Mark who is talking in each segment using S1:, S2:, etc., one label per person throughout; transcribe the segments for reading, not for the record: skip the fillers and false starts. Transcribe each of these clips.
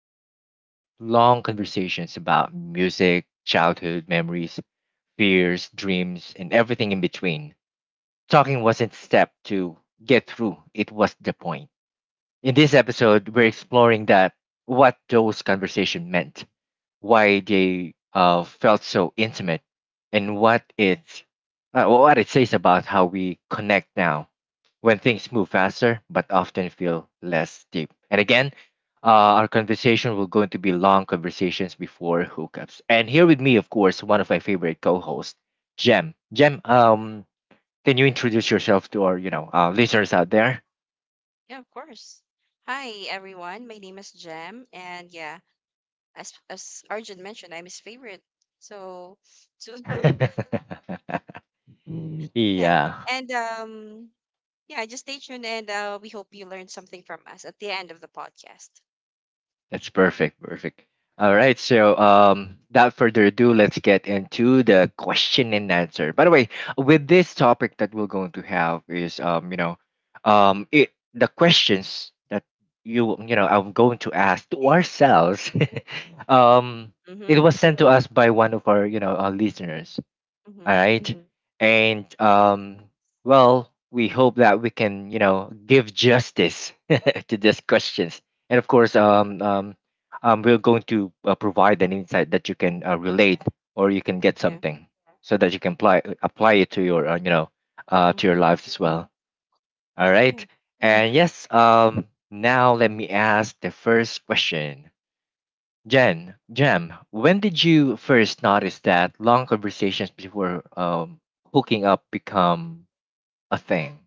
S1: There were long conversations about music, childhood memories, fears, dreams, and everything in between. Talking wasn't a step to get through, it was the point. In this episode, we're exploring that, what those conversations meant, why they felt so intimate, and what it says about how we connect now when things move faster but often feel less deep. And again, our conversation will going to be long conversations before hookups. And here with me, of course, one of my favorite co-hosts, Jem. Jem, can you introduce yourself to our, listeners out there?
S2: Yeah, of course. Hi, everyone. My name is Jem, and yeah, as Arjun mentioned, I'm his favorite. So, so. Yeah,
S1: Yeah,
S2: and yeah, just stay tuned, and we hope you learned something from us at the end of the podcast.
S1: that's perfect, perfect. All right, so without further ado, let's get into the question and answer. By the way, with this topic that we're going to have is, it the questions that I'm going to ask to ourselves. um, it
S2: Mm-hmm.
S1: was sent to us by one of our, our listeners. All
S2: Mm-hmm.
S1: right. And well, we hope that we can, give justice to these questions. And of course, we're going to provide an insight that you can relate or you can get
S2: Yeah.
S1: something so that you can apply it to your to your
S2: Mm-hmm.
S1: lives as well. All right?
S2: Yeah.
S1: And yes, now let me ask the first question. Jem, when did you first notice that long conversations before hooking up become a thing?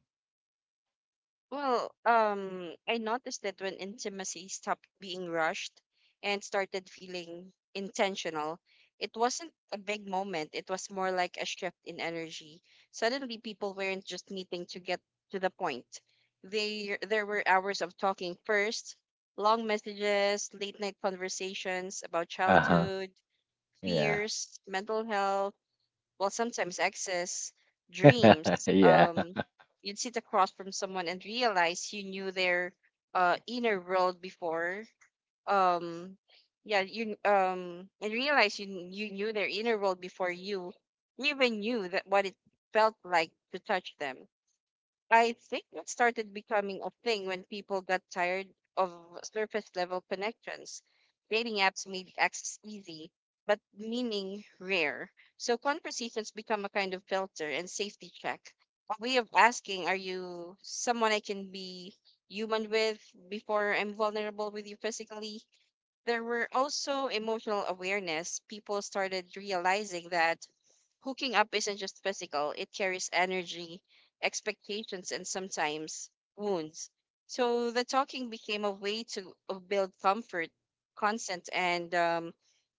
S2: I noticed that when intimacy stopped being rushed and started feeling intentional, it wasn't a big moment. It was more like a shift in energy. Suddenly, people weren't just meeting to get to the point. There were hours of talking first, long messages, late night conversations about
S1: Uh huh.
S2: childhood,
S1: Yeah.
S2: fears, mental health, well, sometimes excess dreams.
S1: Yeah.
S2: You'd sit across from someone and realize you knew their inner world before um yeah you and realize you kn- you knew their inner world before you even knew that what it felt like to touch them. I think it started becoming a thing when people got tired of surface level connections. Dating apps made access easy, but meaning rare. So conversations become a kind of filter and safety check, a way of asking, are you someone I can be human with before I'm vulnerable with you physically? There were also emotional awareness. People started realizing that hooking up isn't just physical, it carries energy, expectations, and sometimes wounds. So the talking became a way to build comfort, consent, and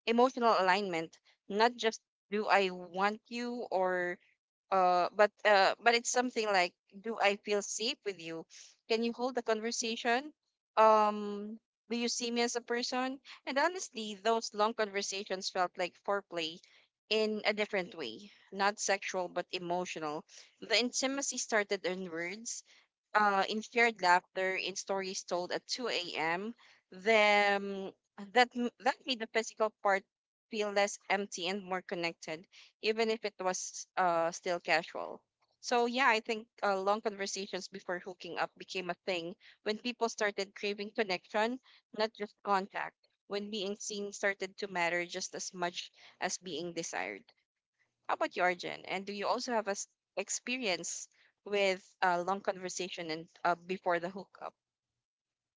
S2: emotional alignment. Not just, do I want you, or but it's something like, do I feel safe with you, can you hold the conversation, um do you see me as a person? And honestly, those long conversations felt like foreplay in a different way, not sexual but emotional. The intimacy started in words, in shared laughter, in stories told at 2 a.m., then that made the physical part feel less empty and more connected, even if it was still casual. So yeah, I think long conversations before hooking up became a thing when people started craving connection, not just contact. When being seen started to matter just as much as being desired. How about you, Arjun? And do you also have a experience with a long conversation and before the hookup?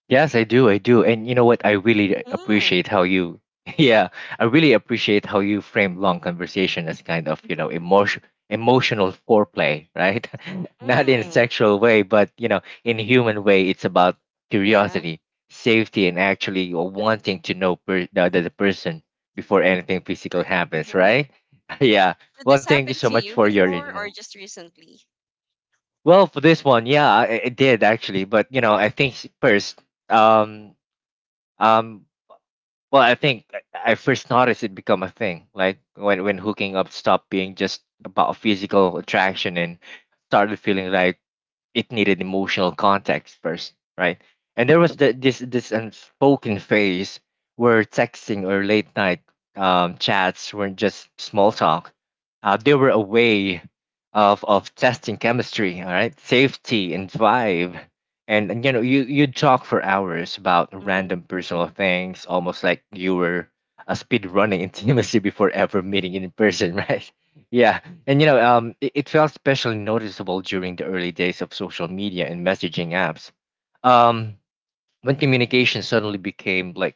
S1: Yes, I do. I do. And you know what? I really
S2: Mm.
S1: appreciate how you, yeah, I really appreciate how you frame long conversation as kind of, you know,
S2: Mm-hmm.
S1: emotional foreplay, right? Not in a
S2: Mm.
S1: sexual way, but, you know, in human way, it's about
S2: Yeah.
S1: curiosity, safety, and actually wanting to the other person before anything physical happens,
S2: Mm-hmm.
S1: right? Yeah.
S2: Did
S1: Well,
S2: this
S1: thank you
S2: happen
S1: so
S2: to
S1: much
S2: you
S1: for your
S2: before
S1: insight.
S2: or just recently?
S1: Well, for this one, yeah, I did actually, but you know, um, um, I think I first noticed it become a thing, like when hooking up stopped being just about physical attraction and started feeling like it needed emotional context first, right? And there was the, this unspoken phase where texting or late night chats weren't just small talk. They were a way of testing chemistry, all right, safety and vibe. And you know, you'd talk for hours about
S2: Mm-hmm.
S1: random personal things, almost like you were a speed running intimacy before ever meeting in person, right? Yeah, and you know, it felt especially noticeable during the early days of social media and messaging apps. Um, when communication suddenly became like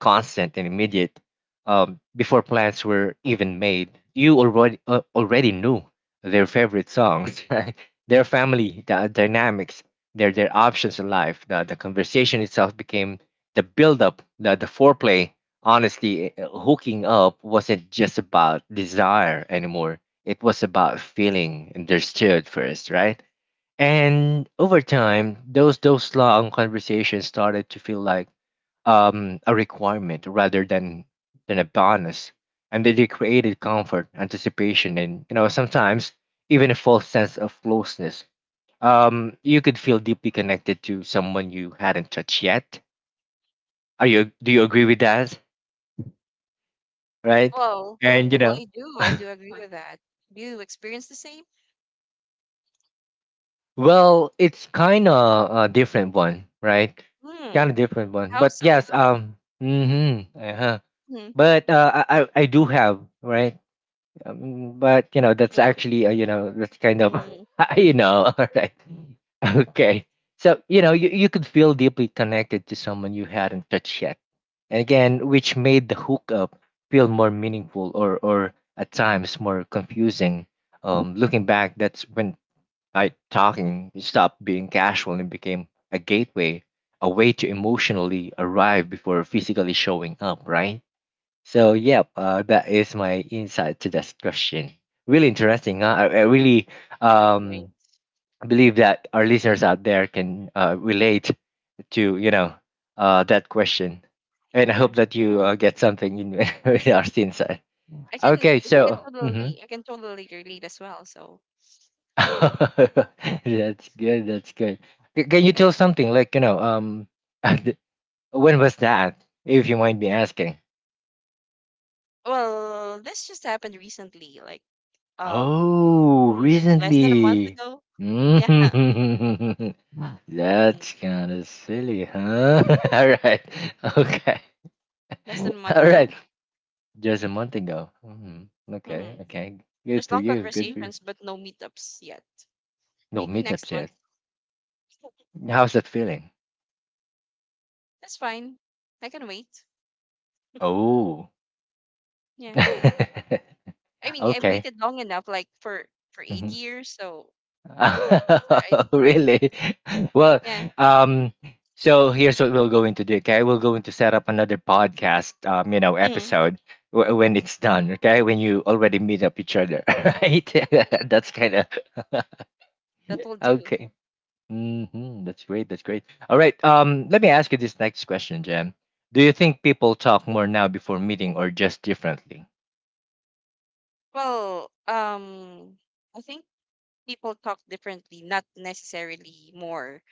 S1: constant and immediate, before plans were even made you already already knew their favorite songs, right, their family the dynamics, their options in life. The conversation itself became the build up, the foreplay. Honestly, hooking up wasn't just about desire anymore, it was about feeling understood first, right? And over time, those long conversations started to feel like a requirement rather than a bonus, and they created comfort, anticipation, and you know sometimes even a false sense of closeness. You could feel deeply connected to someone you hadn't touched yet. Are you? Do you agree with that? Right?
S2: Well,
S1: And you
S2: well,
S1: know.
S2: I do. I do agree with that. Do you experience the same?
S1: Well, it's kind of a different one, right?
S2: Hmm.
S1: Kind of different one.
S2: How
S1: But
S2: so?
S1: yes, mm-hmm, uh-huh.
S2: Hmm.
S1: But I do have, right, but you know that's
S2: Well.
S1: actually you know that's kind of
S2: Mm.
S1: you know all right, okay. So you know you could feel deeply connected to someone you hadn't touched yet, and again, which made the hookup feel more meaningful or at times more confusing. Looking back, that's when night talking stopped being casual and became a gateway, a way to emotionally arrive before physically showing up, right? So, yep, that is my insight to this question. Really interesting. Huh? I really
S2: Right.
S1: um, believe that our listeners out there can relate to, you know, that question. And I
S2: Yeah.
S1: hope that you get something in our insight.
S2: I can, I
S1: Okay,
S2: can
S1: so. Mhm.
S2: totally, I can totally relate as well. So,
S1: That's good. That's good. Can you tell something like, you know, when was that? If you mind me asking.
S2: well, this just happened recently. Like. um
S1: Oh,
S2: mm, less than a month
S1: recently.
S2: ago. Yeah.
S1: Mm.
S2: Hmm.
S1: That's kind of silly, huh? All right. Okay.
S2: Less than a month
S1: All right.
S2: ago.
S1: Just a month ago. Hmm. Okay.
S2: Hmm.
S1: Okay. Good
S2: There's
S1: for
S2: long
S1: you. Good for you.
S2: conversations but no meetups yet.
S1: No
S2: Maybe
S1: meetups
S2: next month.
S1: yet. How's that feeling?
S2: That's fine. I can wait.
S1: Oh.
S2: Yeah.
S1: Okay.
S2: I mean, I've waited long enough, like for eight
S1: Mm-hmm.
S2: years, so it's all right.
S1: Really? Well,
S2: Yeah.
S1: um, so here's what we'll go into do. Okay, we'll go into set up another podcast,
S2: Hmm.
S1: episode when it's done. Okay, when you already meet up each other, right?
S2: Yeah,
S1: That's kind of
S2: that will do.
S1: okay. Hmm. That's great. That's great. All right. Let me ask you this next question, Jen. Do you think people talk more now before meeting or just differently?
S2: Well, um, I think people talk differently, not necessarily more.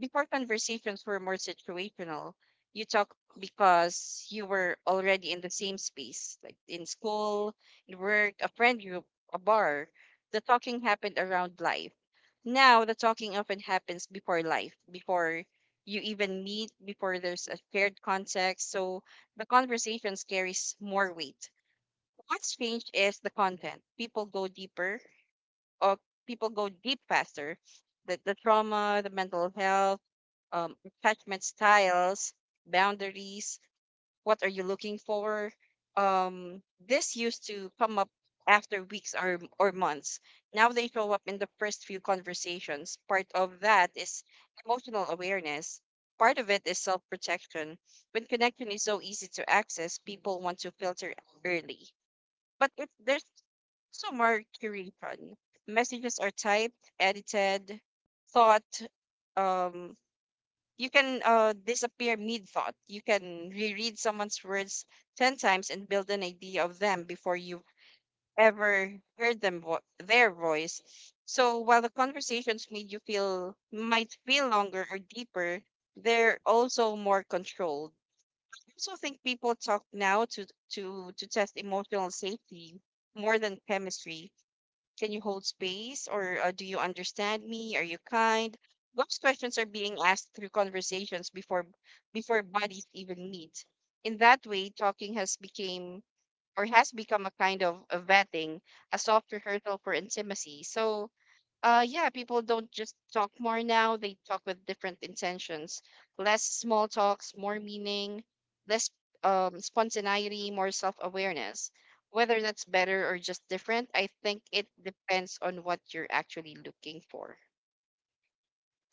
S2: Before, conversations were more situational. You talk because you were already in the same space, like in school, in work, a friend group, a bar. The talking happened around life. Now the talking often happens before life, before you even meet, before there's a shared context. So the conversations carries more weight. What's changed is the content. People go deeper, or people go deep faster. The trauma, the mental health, attachment styles, boundaries, what are you looking for? Um, this used to come up after weeks or months. Now they show up in the first few conversations. Part of that is emotional awareness. Part of it is self protection. When connection is so easy to access, people want to filter early. But if there's also more curation, messages are typed, edited, thought, um, you can disappear mid thought. You can reread someone's words 10 times and build an idea of them before you've ever heard their voice. So while the conversations made you feel might feel longer or deeper, they're also more controlled. I also think people talk now to to test emotional safety more than chemistry. Can you hold space? Or do you understand me? Are you kind? Those questions are being asked through conversations before bodies even meet. In that way, talking has became or has become a kind of a vetting, a soft rehearsal for intimacy. So yeah, people don't just talk more now, they talk with different intentions. Less small talks, more meaning, less spontaneity, more self awareness. Whether that's better or just different, I think it depends on what you're actually looking for.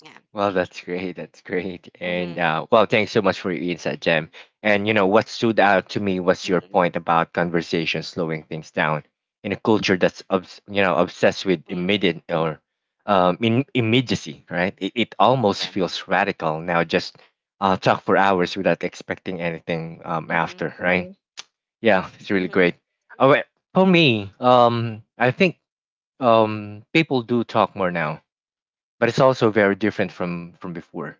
S2: Yeah.
S1: Well, that's great. That's great. And
S2: Mm-hmm.
S1: well, thanks so much for your insight, Jem. And you know
S2: Right.
S1: what stood out to me was your
S2: Mm-hmm.
S1: point about conversation slowing things down in a culture that's obsessed with
S2: Mm-hmm.
S1: immediate or immediacy, right? It almost
S2: Yeah.
S1: feels radical now. Just talk for hours without expecting anything
S2: Mm-hmm.
S1: after, right? Right. Yeah, it's really
S2: Mm-hmm.
S1: great. Oh, wait, for me, I think people do talk more now, but it's also very different from before.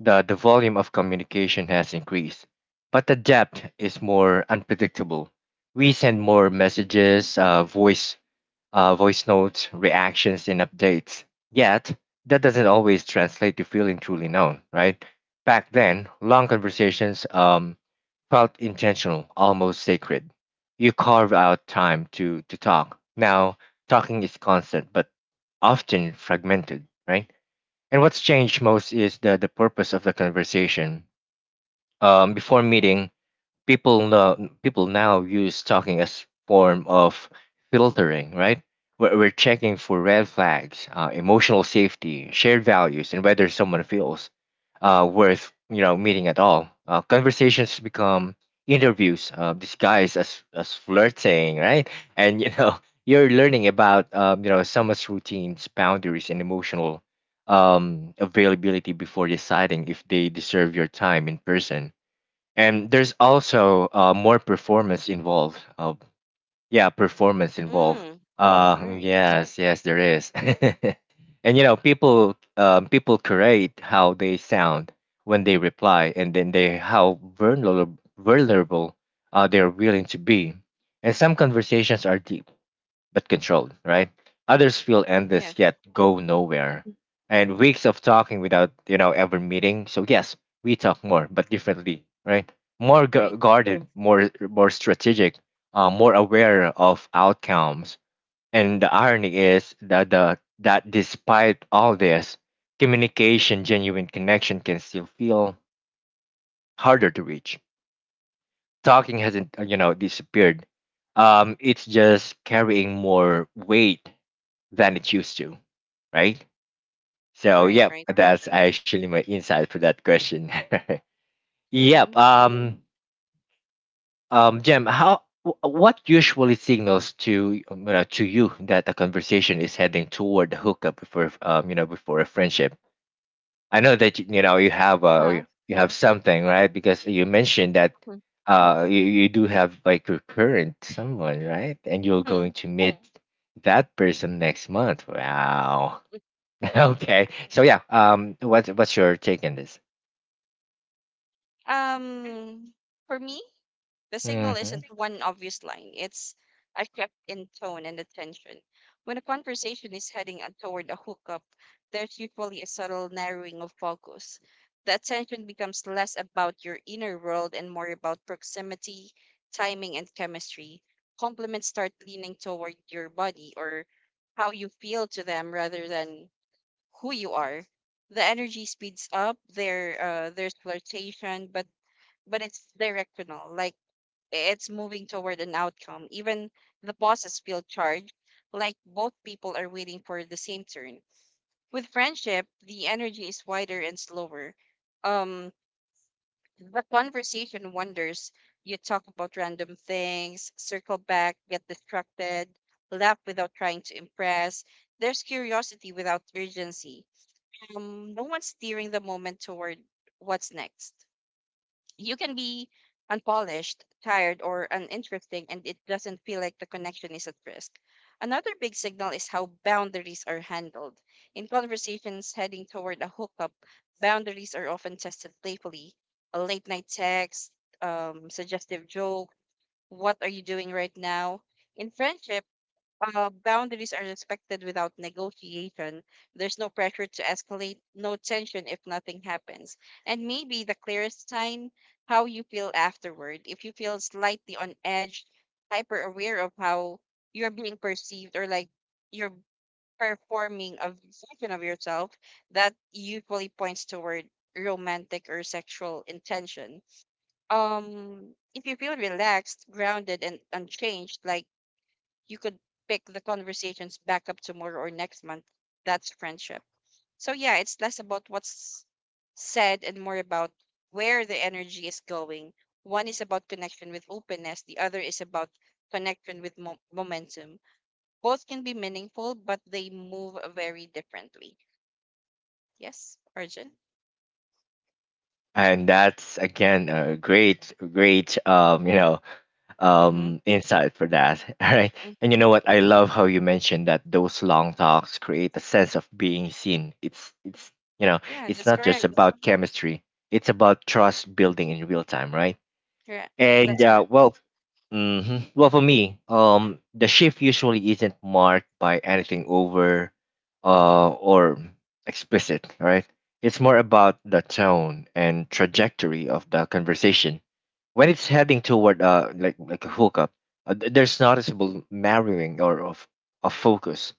S1: The volume of communication has increased, but the depth is more unpredictable. We send more messages, voice notes, reactions, and updates. Yet that doesn't always translate to feeling truly known, right? Back then, long conversations felt intentional, almost sacred. You carve out time to talk. Now, talking is constant, but often fragmented, right? And what's changed most is the purpose of the conversation. Before meeting, people now use talking as form of filtering, right? We're checking for red flags, emotional safety, shared values, and whether someone feels worth you know meeting at all. Conversations become interviews disguised as flirting, right? And you know you're learning about someone's routines, boundaries, and emotional availability before deciding if they deserve your time in person. And there's also more performance involved. Yeah, performance involved.
S2: Mm.
S1: Wow.
S2: Right.
S1: Yes, yes, there is.
S2: Mm-hmm.
S1: And you know, people create how they sound when they reply, and then they how vulnerable they are willing to be. And some conversations are deep, but controlled, right? Others feel
S2: Yeah.
S1: endless yet go
S2: Mhm.
S1: nowhere. And weeks of talking without, you know, ever meeting. So yes, we talk more, but differently, right? More
S2: Right.
S1: guarded, more strategic, more aware of outcomes. And the irony is that despite all this, communication, genuine connection can still feel harder to reach. Talking hasn't, disappeared, it's just carrying more weight than it used to, right? So,
S2: Right.
S1: yep,
S2: Right.
S1: that's actually my insight for that question. Yep.
S2: Mm-hmm.
S1: Jem, what usually signals to to you that a conversation is heading toward a hookup before before a friendship? I know that you have you
S2: Well.
S1: you have something, right, because you mentioned that
S2: Mhm.
S1: you, you do have like your current someone, right, and you're going
S2: Mm.
S1: to meet that person next month. Wow.
S2: Mhm.
S1: Okay. So yeah, what what's your take on this?
S2: um, for me, the signal
S1: Hmm.
S2: isn't one obvious line, it's a shift in tone and attention. When a conversation is heading toward a hookup, there's usually a subtle narrowing of focus. The attention becomes less about your inner world and more about proximity, timing, and chemistry. Compliments start leaning toward your body or how you feel to them rather than who you are. The energy speeds up, there's flirtation, but it's directional. Like it's moving toward an outcome. Even the bosses feel charged, like both people are waiting for the same turn. With friendship, the energy is wider and slower. Um, the conversation wanders. You talk about random things, circle back, get distracted, laugh without trying to impress. There's curiosity without urgency. No one's steering the moment toward what's next. You can be unpolished, tired, or uninteresting, and it doesn't feel like the connection is at risk. Another big signal is how boundaries are handled. In conversations heading toward a hookup, boundaries are often tested playfully. A late night text, suggestive joke, what are you doing right now? In friendship, boundaries are respected without negotiation. There's no pressure to escalate, no tension if nothing happens. And maybe the clearest sign, how you feel afterward. If you feel slightly on edge, hyper aware of how you're being perceived or like you're performing a version of yourself, that usually points toward romantic or sexual intention. If you feel relaxed, grounded, and unchanged, like you could pick the conversations back up tomorrow or next month. That's friendship. So yeah, it's less about what's said and more about where the energy is going. One is about connection with openness, the other is about momentum. Both can be meaningful, but they move very differently. Yes, Arjun?
S1: And that's again a great, great,
S2: Mm-hmm.
S1: insight for that. All right. And you
S2: Mm-hmm.
S1: know what? I love how you mentioned that those long talks create a sense of being seen. It's you know,
S2: Yeah,
S1: it's
S2: that's
S1: not just
S2: correct.
S1: about chemistry. It's about trust building in real time, right?
S2: Correct.
S1: And
S2: That's correct.
S1: well, hmm, well, for me, the shift usually isn't marked by anything over, or explicit. Right? It's more about the tone and trajectory of the conversation. When it's heading toward like a hookup, there's noticeable narrowing or of focus.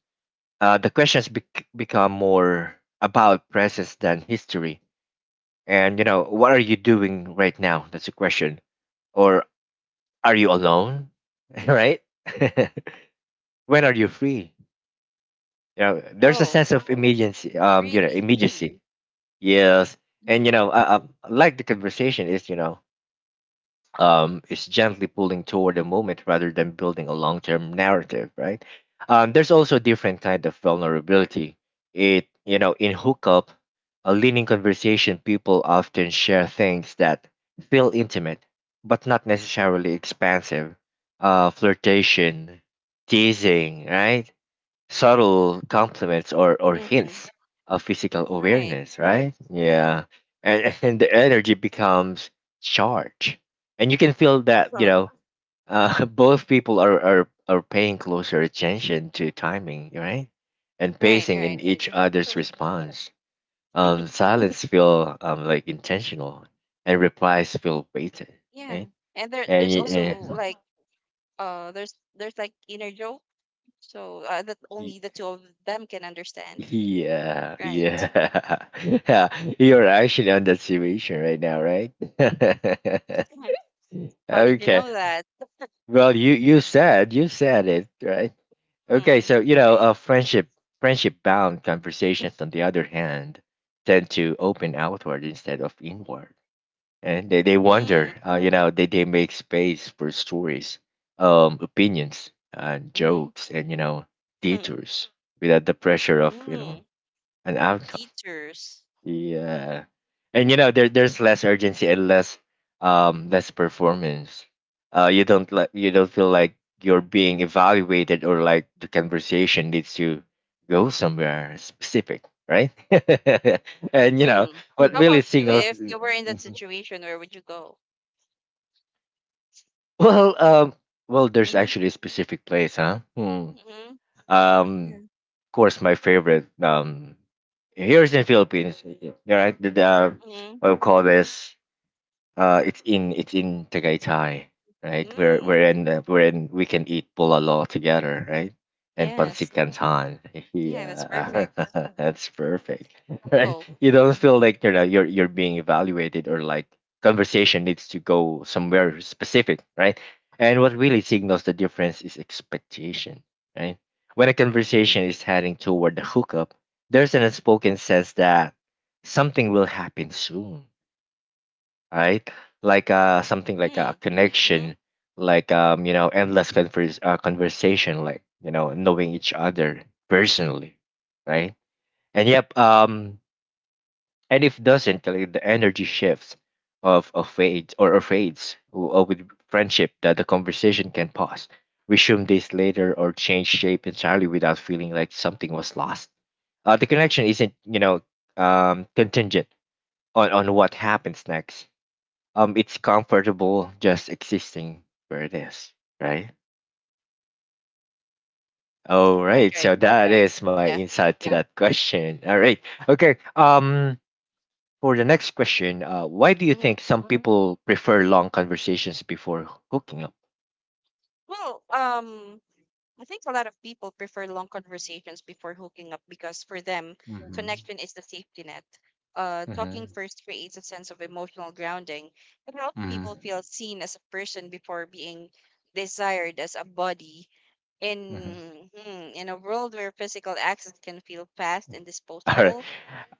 S1: The questions become more about presence than history. And you know, what are you doing right now? That's a question. Or are you alone? Right. When are you free? You know, there's a
S2: Oh,
S1: sense of immediacy, you know,
S2: really?
S1: immediacy. Yes. And
S2: Mm-hmm.
S1: like the conversation is, you know, is gently pulling toward a moment rather than building a long-term narrative, right? There's also a different kind of vulnerability. You know, in hookup, a leaning conversation, people often share things that feel intimate, but not necessarily expansive. Flirtation, teasing, right? Subtle compliments or
S2: Mm-hmm.
S1: hints of physical
S2: Right.
S1: awareness, right?
S2: Yeah.
S1: Yeah. And and the energy becomes charged, and you can feel that, you know. Both people are paying closer attention to timing, right? And
S2: Right,
S1: pacing in
S2: right.
S1: each other's response. Silence feel like intentional, and replies feel weighted,
S2: Yeah,
S1: right.
S2: and there
S1: and,
S2: there's
S1: y-
S2: also
S1: and
S2: like, there's like inner joke, so that only the two of them can understand,
S1: yeah,
S2: right?
S1: yeah, yeah. You're actually on that situation right now, right?
S2: Mhm. How did you
S1: Okay.
S2: know that?
S1: Well, you said you said it, right? Okay,
S2: Hmm.
S1: so you know,
S2: Right.
S1: friendship, friendship bound conversations, on the other hand, tend to open outward instead of inward, and they wonder,
S2: Hmm.
S1: you know, they make space for stories, opinions,
S2: Mm-hmm.
S1: jokes, and
S2: Hmm.
S1: detours without the pressure of, you
S2: Hmm.
S1: know, an outcome.
S2: Teachers.
S1: Yeah. And you know, there's less urgency and less less performance. You don't like, you don't feel like you're being evaluated or like the conversation needs to go somewhere specific, right? And you know
S2: Hmm.
S1: what
S2: How
S1: really
S2: about you?
S1: singles.
S2: If you were in that
S1: Mhm.
S2: situation, where would you go?
S1: Well, well, there's
S2: Mm-hmm.
S1: actually a specific place, huh? Hmm.
S2: Mm-hmm.
S1: Um
S2: Yeah.
S1: of course my favorite, here's in Philippines, right? The
S2: Mm-hmm.
S1: what we call this. It's in, Tagaytay, right? Where
S2: Mm.
S1: wherein, wherein we can eat bulalo together, right? And
S2: Yes.
S1: pancit canton.
S2: Yeah, that's
S1: Yeah.
S2: perfect.
S1: That's perfect, right?
S2: Oh.
S1: You don't feel like you're not- you're being evaluated, or like conversation needs to go somewhere specific, right? And what really signals the difference is expectation, right? When a conversation is heading toward the hookup, there's an unspoken sense that something will happen soon, right? Like, something like a
S2: Hmm. Mm-hmm.
S1: connection, like, you know, endless conversation, like, you know, knowing each other personally, right? And yep, and if doesn't, like, the energy shifts of, fades, or, fades with friendship, that the conversation can pause, resume days later, or change shape entirely without feeling like something was lost. The connection isn't, you know, contingent on, what happens next. It's comfortable just existing where it is, right. All
S2: Right.
S1: right,
S2: Right.
S1: so that is my
S2: Yeah.
S1: insight to that question, all right. Okay. For the next question, why do you
S2: Mm-hmm.
S1: think some people prefer long conversations before hooking up?
S2: Well. I think a lot of people prefer long conversations before hooking up because for them,
S1: Mm-hmm.
S2: connection is the safety net. Talking
S1: Mm-hmm.
S2: first creates a sense of emotional grounding. It helps
S1: Mm-hmm.
S2: people feel seen as a person before being desired as a body. In hmm, in a world where physical access can feel fast and
S1: All right.
S2: disposable.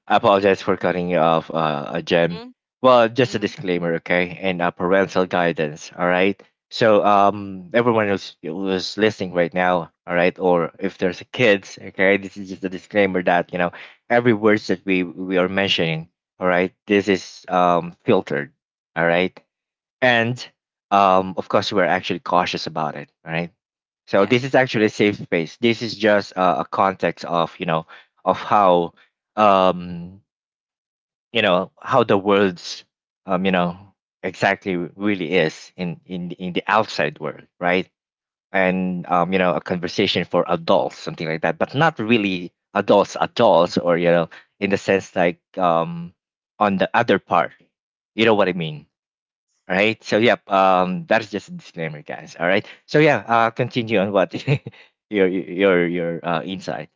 S1: I apologize for cutting you off, Jem.
S2: Mm-hmm.
S1: Well, just a
S2: Mm-hmm.
S1: disclaimer, okay, and parental
S2: Mm-hmm.
S1: guidance. All right. So,
S2: Mm-hmm.
S1: everyone who's listening right now, all right, or if there's kids, okay, this is just a disclaimer that, you know, every words that we are mentioning, all right, this is filtered, all right. And of course you are actually cautious about it, right? So
S2: Yeah.
S1: this is actually a safe space, this is just a context of, you know, of how, um you know, how the world's, you know, exactly really is in the outside world, right? And you know, a conversation for adults, something like that, but not really adults adults, or you know, in the sense like, on the other part, you know what I mean. All right. So yep. That's just a disclaimer, guys. All right. So yeah. Continue on what your insight,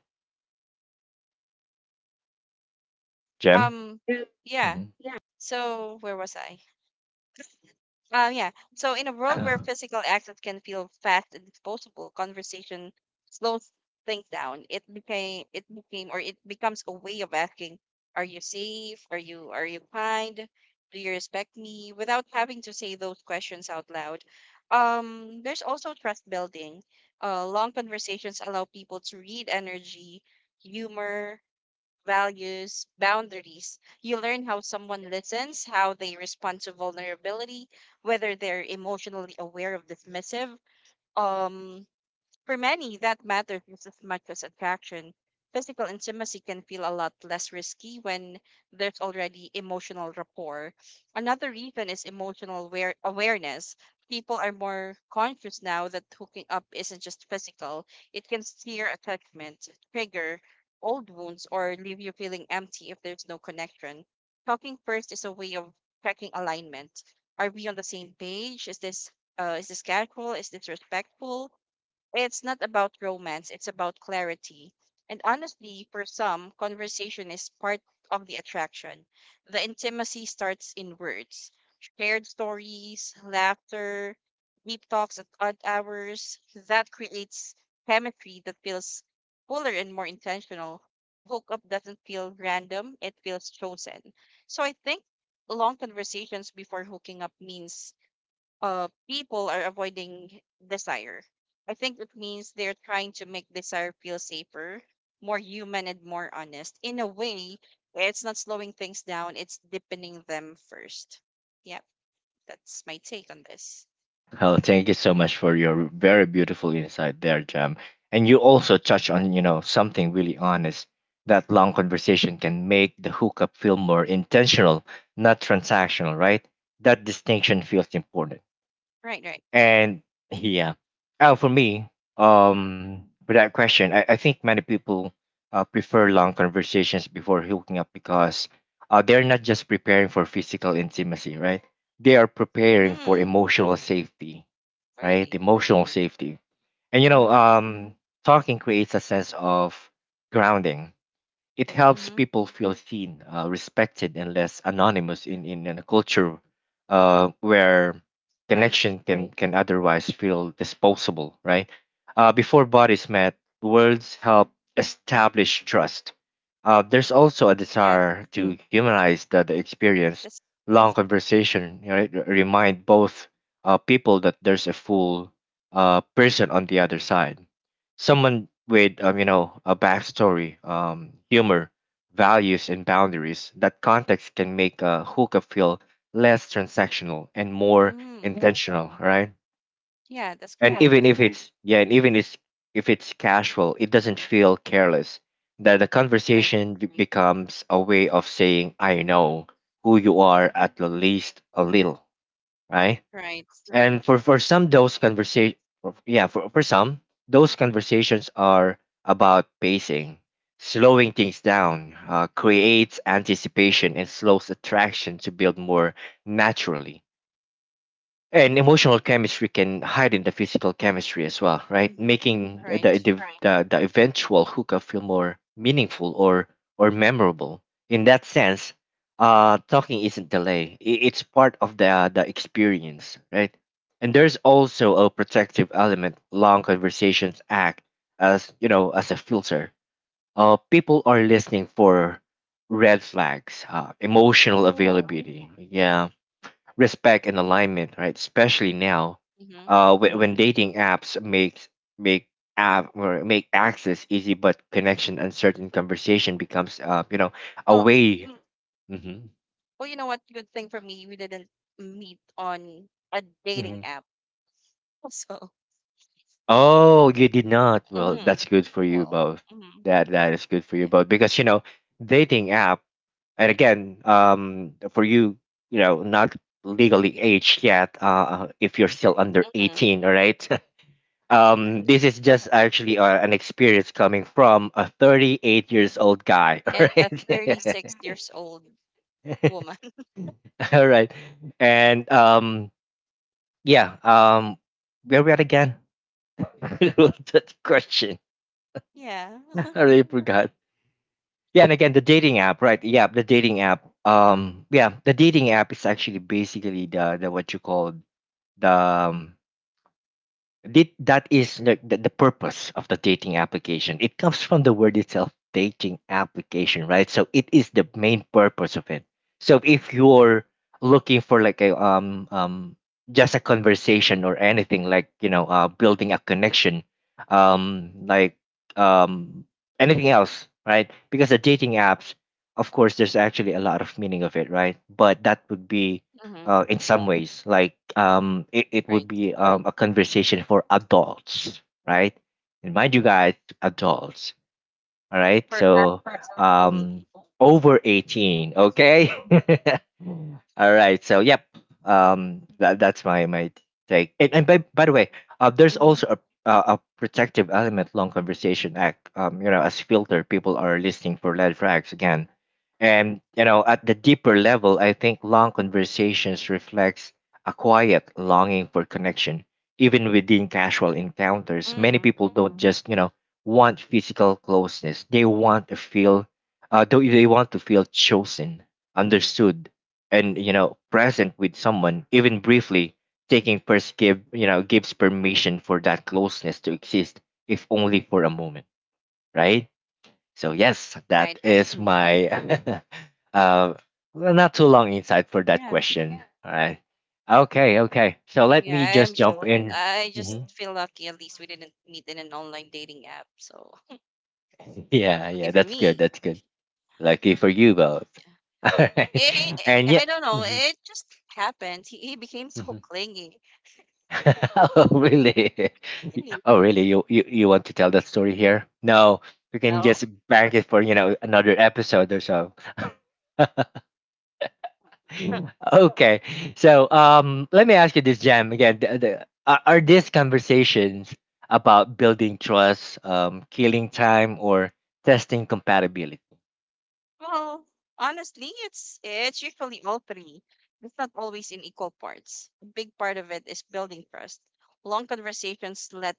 S1: Jem.
S2: Um. Yeah.
S1: Mhm.
S2: So where was I? Yeah. So in a world where physical access can feel fast and disposable, conversation slows things down. It became or it becomes a way of asking, are you safe? Are you kind? Do you respect me? Without having to say those questions out loud. There's also trust building. Long conversations allow people to read energy, humor, values, boundaries. You learn how someone listens, how they respond to vulnerability, whether they're emotionally aware of dismissive. um, for many, that matters just as much as attraction. Physical intimacy can feel a lot less risky when there's already emotional rapport. Another reason is emotional awareness. People are more conscious now that hooking up isn't just physical, it can steer attachment, trigger old wounds, or leave you feeling empty if there's no connection. Talking first is a way of checking alignment. Are we on the same page? Is this casual? Is this respectful? It's not about romance, it's about clarity. And honestly, for some, conversation is part of the attraction. The intimacy starts in words, shared stories, laughter, deep talks at odd hours. That creates chemistry that feels fuller and more intentional. The hookup doesn't feel random, it feels chosen. So I think long conversations before hooking up means people are avoiding desire. I think it means they're trying to make desire feel safer, more human, and more honest. In a way, it's not slowing things down, it's deepening them first. Yep, that's my take on this.
S1: Oh, thank you so much for your very beautiful insight there, Jem. And you also touch on, you know, something really honest. That long conversation can make the hookup feel more intentional, not transactional, right? That distinction feels important.
S2: Right, right.
S1: And yeah, oh, for me, for that question, I think many people prefer long conversations before hooking up because they're not just preparing for physical intimacy, right? They are preparing for
S2: Hmm,
S1: emotional safety, right?
S2: really.
S1: Emotional safety. And you know,
S2: Mm-hmm,
S1: talking creates a sense of grounding. It helps
S2: mm-hmm.
S1: people feel seen, respected, and less anonymous in a culture where
S2: Right.
S1: connection can otherwise feel disposable, right? Before bodies met, words help establish trust. There's also a
S2: Yeah,
S1: desire to humanize the experience.
S2: that's,
S1: Long conversation, right, remind both, people that there's a full, person on the other side, someone with, you know, a backstory, humor, values and boundaries. That context can make a hook feel less transactional and more
S2: mm,
S1: intentional, right?
S2: yeah, that's
S1: And
S2: correct.
S1: even if it's, yeah, and even if it's casual, it doesn't feel careless, that the
S2: Right,
S1: conversation becomes a way of saying I know who you are at the least a little, right.
S2: right.
S1: And for some, those conversation, yeah, for some, those conversations are about pacing, slowing things down. Creates anticipation and slows attraction to build more naturally, and emotional chemistry can hide in the physical chemistry as well, right,
S2: Mm-hmm,
S1: making
S2: right.
S1: the eventual hookup feel more meaningful or memorable in that sense. Talking isn't delay, it's part of the experience, right. And there's also a protective element. Long conversations act as, you know, as a filter. People are listening for red flags, emotional
S2: Oh,
S1: availability, yeah, respect and alignment, right? Especially now,
S2: mm-hmm.
S1: when dating apps make, make app or make access easy but connection uncertain, conversation becomes, you know, a
S2: Well,
S1: way. Mm-hmm.
S2: Well, you know what? Good thing for me, we didn't meet on a
S1: Mm-hmm.
S2: dating app. So,
S1: Oh, you did not. Well,
S2: mm-hmm.
S1: that's good for you
S2: well,
S1: both.
S2: mm-hmm.
S1: That that is good for you
S2: yeah,
S1: both, because you know, dating app. And again, for you, you know, not legally aged yet, if you're still under
S2: mm-hmm.
S1: 18, all right.
S2: And,
S1: This is just actually, an experience coming from a 38 years old guy. All
S2: and a
S1: right.
S2: 36 years old woman.
S1: All right. And yeah, where we at again? That question,
S2: Yeah.
S1: I really forgot. Yeah, and again, the dating app, right? Yeah, the dating app, yeah, the dating app is actually basically the, what you call the, did, that is the purpose of the dating application. It comes from the word itself, dating application, right? So it is the main purpose of it. So if you're looking for like a, um, just a conversation or anything, like, you know, building a connection, like, um anything else, right? Because the dating apps, of course, there's actually a lot of meaning of it, right? But that would be,
S2: Mm-hmm.
S1: in some ways. Like, it would
S2: Right.
S1: be, a conversation for adults, right? And mind you guys, adults. All right.
S2: For
S1: So
S2: adults
S1: um
S2: only.
S1: over 18, okay? All right. So yep. That, that's my take. And by the way, there's
S2: Mm-hmm.
S1: also a, a protective element. Long conversation act, you know, as filter. People are listening for red flags again. And you know, at the deeper level, I think long conversations reflects a quiet longing for connection. Even within casual encounters, many
S2: Mm-hmm.
S1: people don't just, you know, want physical closeness. They want to feel, they want to feel chosen, understood, and, you know, present with someone, even briefly. Taking first you know, gives permission for that closeness to exist, if only for a moment, right? So yes, that
S2: Right, right.
S1: is my uh, well, not too long insight for that
S2: Yeah.
S1: question. All right. Okay, okay. So let me
S2: Yeah.
S1: just jump in.
S2: I just
S1: Mhm.
S2: feel lucky at least we didn't meet in an online dating app. So,
S1: Yeah,
S2: lucky
S1: yeah,
S2: for
S1: that's good.
S2: me.
S1: That's good. Lucky for you both. All right. And yeah.
S2: I don't know.
S1: Mhm,
S2: It just happened. He became so
S1: mhm.
S2: clingy.
S1: Oh really? Oh really? You you want to tell that story here? No, we can
S2: No.
S1: just bank it for, you know, another episode or so. Okay. So let me ask you this, Jam. Again, are these conversations about building trust, killing time, or testing compatibility?
S2: Well, honestly, it's usually all three. It's not always in equal parts. A big part of it is building trust. Long conversations let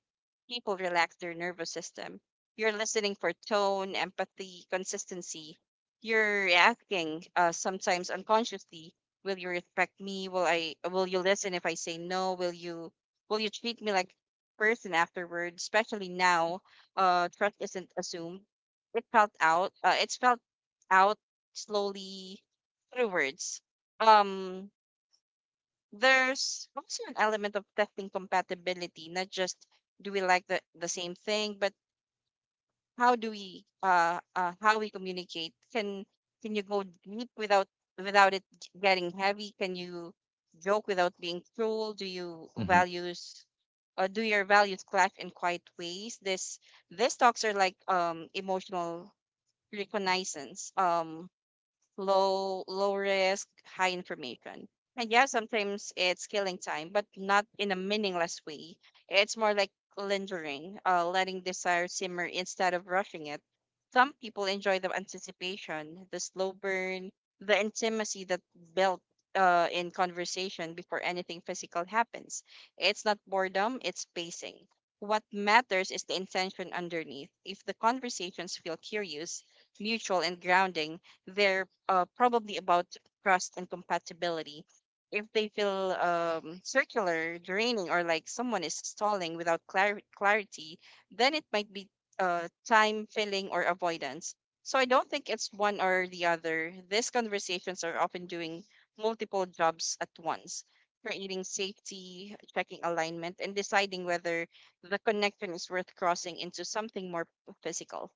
S2: people relax their nervous system. You're listening for tone, empathy, consistency. You're asking, sometimes unconsciously, will you respect me? Will you listen if I say no? Will you treat me like a person afterwards? Especially now, trust isn't assumed, it felt out, it's felt out slowly through words. Um, there's also an element of testing compatibility, not just do we like the same thing, but how do we how we communicate? Can you go deep without it getting heavy? Can you joke without being cruel?
S1: Mm-hmm.
S2: Do your values clash in quiet ways? This These talks are like emotional reconnaissance. Low risk, high information. And yeah, sometimes it's killing time, but not in a meaningless way. It's more like lingering, letting desire simmer instead of rushing it. Some people enjoy the anticipation, the slow burn, the intimacy that built in conversation before anything physical happens. It's not boredom, it's pacing. What matters is the intention underneath. If the conversations feel curious, mutual, and grounding, they're probably about trust and compatibility. If they feel circular, draining, or like someone is stalling without clarity, then it might be time filling or avoidance. So I don't think it's one or the other. These conversations are often doing multiple jobs at once, creating safety, checking alignment, and deciding whether the connection is worth crossing into something more physical.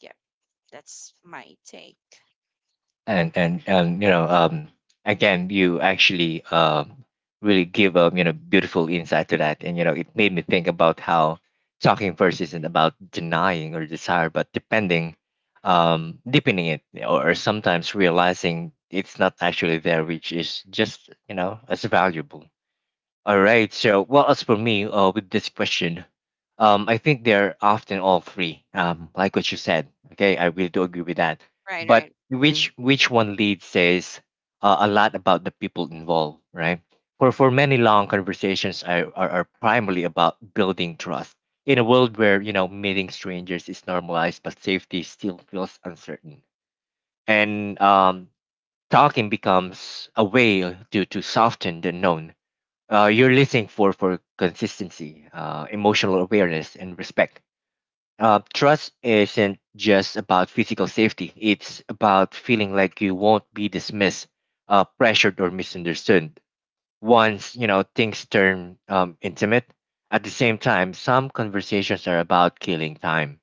S2: Yeah, that's my take.
S1: And you know, again, you actually, really give a, you know, beautiful insight to that. And you know, it made me think about how talking first isn't about denying or desire, but depending, deepening it, or sometimes realizing it's not actually there, which is just, you know, as valuable. All right. So, well, as for me, with this question, I think they're often all three. Like what you said. Okay, I really do agree with that.
S2: Right,
S1: But
S2: right.
S1: mm-hmm, which one lead says a lot about the people involved, right? For many long conversations are primarily about building trust in a world where meeting strangers is normalized, but safety still feels uncertain, and talking becomes a way to soften the known. You're listening for consistency, emotional awareness, and respect. Trust isn't just about physical safety; it's about feeling like you won't be dismissed, pressured, or misunderstood. Once things turn intimate, at the same time, some conversations are about killing time.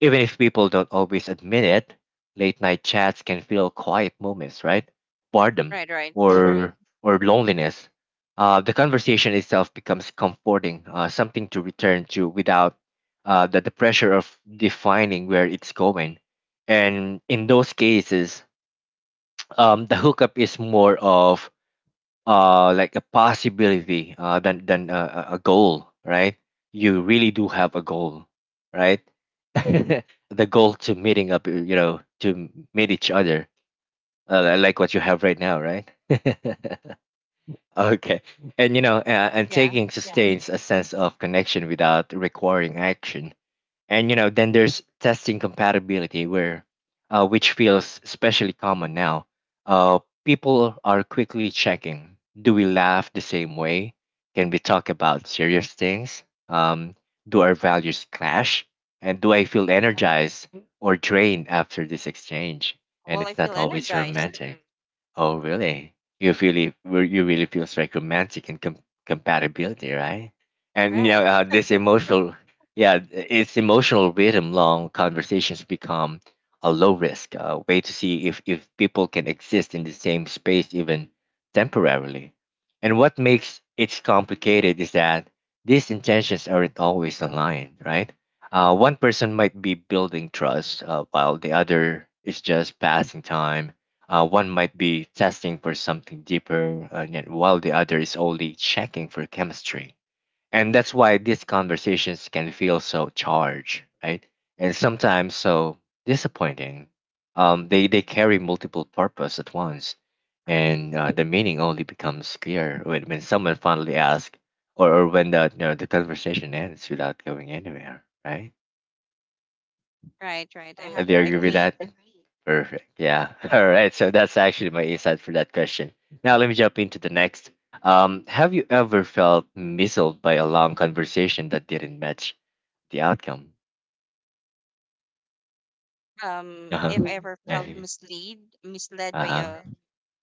S1: Even if people don't always admit it, late night chats can feel quiet moments, right? Boredom
S2: Right, right.
S1: or or loneliness. The conversation itself becomes comforting, something to return to without the pressure of defining where it's going. And in those cases, the hookup is more of like a possibility than a goal, right? You really do have a goal, right? The goal to meeting up, to meet each other, like what you have right now, right? Okay, and
S2: Yeah.
S1: taking, yeah, sustains a sense of connection without requiring action. And then there's testing compatibility, where which feels especially common now. People are quickly checking: do we laugh the same way, can we talk about serious things, um, do our values clash, and do I feel
S2: Mhm.
S1: energized or drained after this exchange? And
S2: Well, I
S1: it's
S2: feel
S1: not always
S2: energized.
S1: romantic. Oh, really? You really, where you really feels like romantic and compatibility, right? And
S2: Right,
S1: this emotional, yeah, it's emotional rhythm. Long conversations become a low risk way to see if people can exist in the same space even temporarily. And what makes it complicated is that these intentions aren't always aligned, right? One person might be building trust while the other is just passing time. One might be testing for something deeper, yet while the other is only checking for chemistry. And that's why these conversations can feel so charged, right? And sometimes so disappointing. They carry multiple purpose at once,
S2: right,
S1: and the meaning only becomes clear when, someone finally asks, or when the conversation ends without going anywhere, right?
S2: right, right.
S1: Do you agree with
S2: Agree.
S1: that? Perfect. Yeah. All right. So that's actually my insight for that question. Now let me jump into the next. Have you ever felt misled by a long conversation that didn't match the outcome? Uh
S2: If
S1: huh.
S2: I ever felt
S1: Uh
S2: misled, by
S1: huh.
S2: a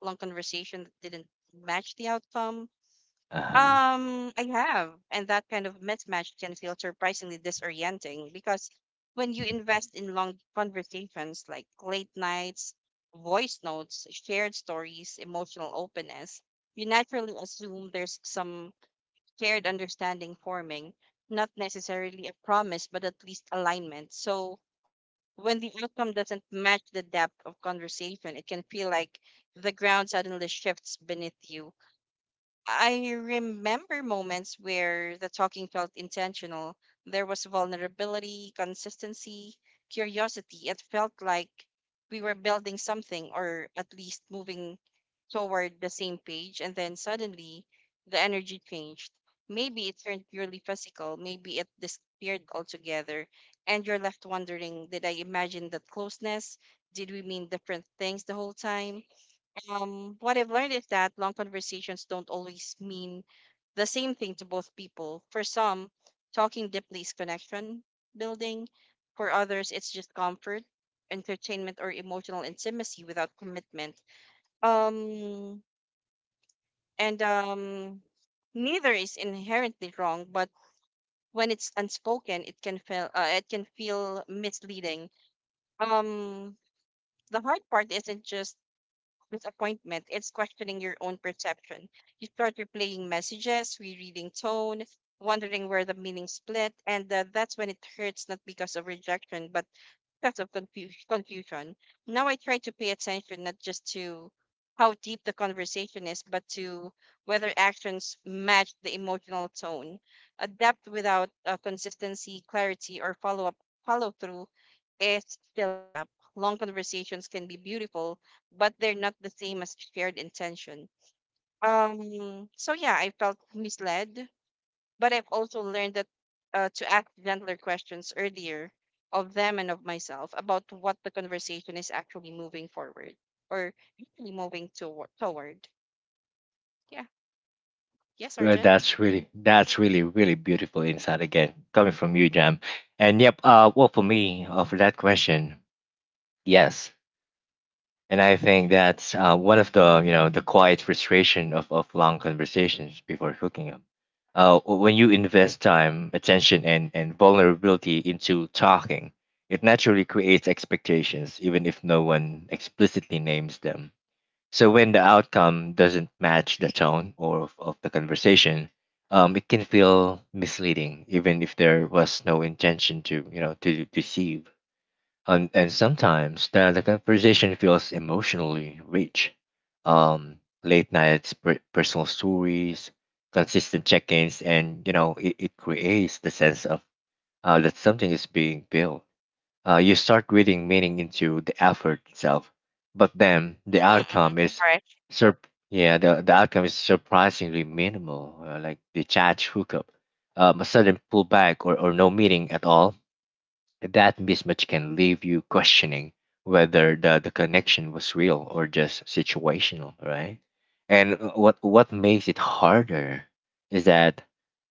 S2: long conversation that didn't match the outcome,
S1: Uh huh.
S2: I have, and that kind of mismatch can feel surprisingly disorienting because when you invest in long conversations like late nights, voice notes, shared stories, emotional openness, you naturally assume there's some shared understanding forming, not necessarily a promise, but at least alignment. So when the outcome doesn't match the depth of conversation, it can feel like the ground suddenly shifts beneath you. I remember moments where the talking felt intentional. There was vulnerability, consistency, curiosity. It felt like we were building something or at least moving toward the same page, and then suddenly the energy changed. Maybe it turned purely physical, maybe it disappeared altogether, and you're left wondering, did I imagine that closeness? Did we mean different things the whole time? What I've learned is that long conversations don't always mean the same thing to both people. For some, talking deeply is connection building. For others, it's just comfort, entertainment, or emotional intimacy without commitment. Um, and Neither is inherently wrong, but when it's unspoken, it can feel misleading. Um, the hard part isn't just disappointment; it's questioning your own perception. You start replaying messages, rereading tone, wondering where the meaning split, and that's when it hurts, not because of rejection, but sense of confusion. Now I try to pay attention not just to how deep the conversation is, but to whether actions match the emotional tone. A depth without consistency, clarity, or follow through is still a gap. Long conversations can be beautiful, but they're not the same as shared intention. So yeah, I felt misled, but I've also learned that to ask gentler questions earlier, of them and of myself, about what the conversation is actually moving forward or actually moving toward. Yeah. Yes,
S1: Well,
S2: Arjun.
S1: that's really really beautiful insight again coming from you, Jam. And yep. Well, for me, for that question, yes, and I think that's one of the you know the quiet frustration of long conversations before hooking up. When you invest time, attention, and vulnerability into talking, it naturally creates expectations, even if no one explicitly names them. So when the outcome doesn't match the tone or of the conversation, it can feel misleading, even if there was no intention to you know to deceive, and sometimes the conversation feels emotionally rich. Late nights, personal stories, consistent check-ins, and it creates the sense of that something is being built. You start reading meaning into the effort itself, but then the
S2: Mm-hmm, mm-hmm.
S1: outcome is
S2: All right.
S1: sur- surprisingly minimal, like the chat hookup, a sudden pullback, or no meeting at all. That mismatch can leave you questioning whether the connection was real or just situational, right? And what makes it harder is that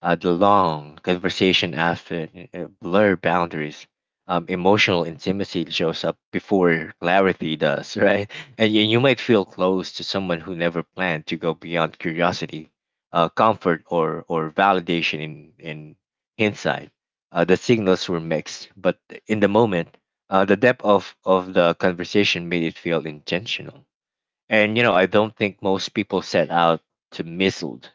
S1: the long conversation after blur boundaries, emotional intimacy shows up before clarity does, right? And you might feel close to someone who never planned to go beyond curiosity, comfort, or validation. In hindsight, the signals were mixed, but in the moment, the depth of the conversation made it feel intentional. And I don't think most people set out to mislead.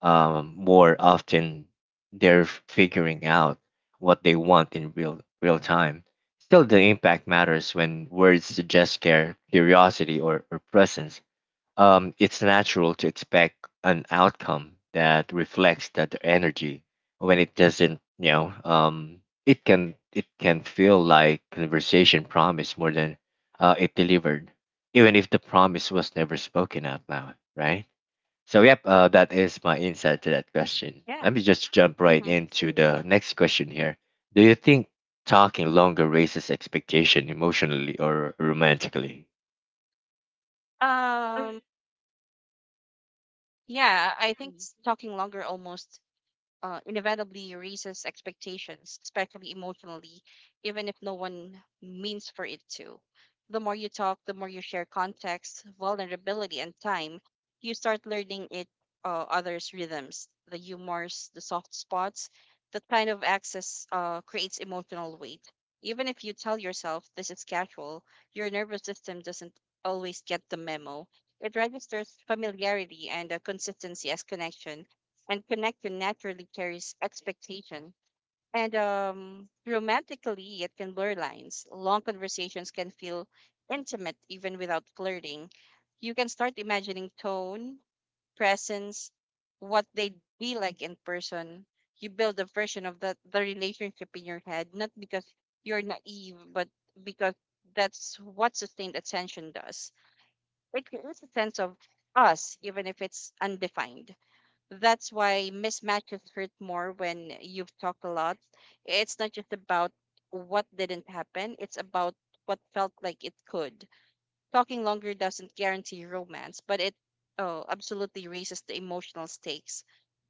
S1: More often, they're figuring out what they want in real time. Still, the impact matters when words suggest care, curiosity, or presence. It's natural to expect an outcome that reflects that the energy. When it doesn't, it can feel like conversation promised more than it delivered, even if the promise was never spoken out loud, right? So yep, that is my insight to that question.
S2: Yeah.
S1: Let me just jump right
S2: Mm-hmm.
S1: into the next question here. Do you think talking longer raises expectation emotionally or romantically?
S2: Um. Yeah. I think talking longer almost inevitably raises expectations, especially emotionally, even if no one means for it to. The more you talk, the more you share context, vulnerability, and time, you start learning it, others' rhythms, the humors, the soft spots. That kind of access creates emotional weight. Even if you tell yourself this is casual, your nervous system doesn't always get the memo. It registers familiarity and consistency as connection, and connection naturally carries expectation. And romantically, it can blur lines. Long conversations can feel intimate even without flirting. You can start imagining tone, presence, what they'd be like in person. You build a version of the relationship in your head, not because you're naive, but because that's what sustained attention does. It creates a sense of us, even if it's undefined. That's why mismatches hurt more when you've talked a lot. It's not just about what didn't happen, it's about what felt like it could. Talking longer doesn't guarantee romance, but it oh, absolutely raises the emotional stakes.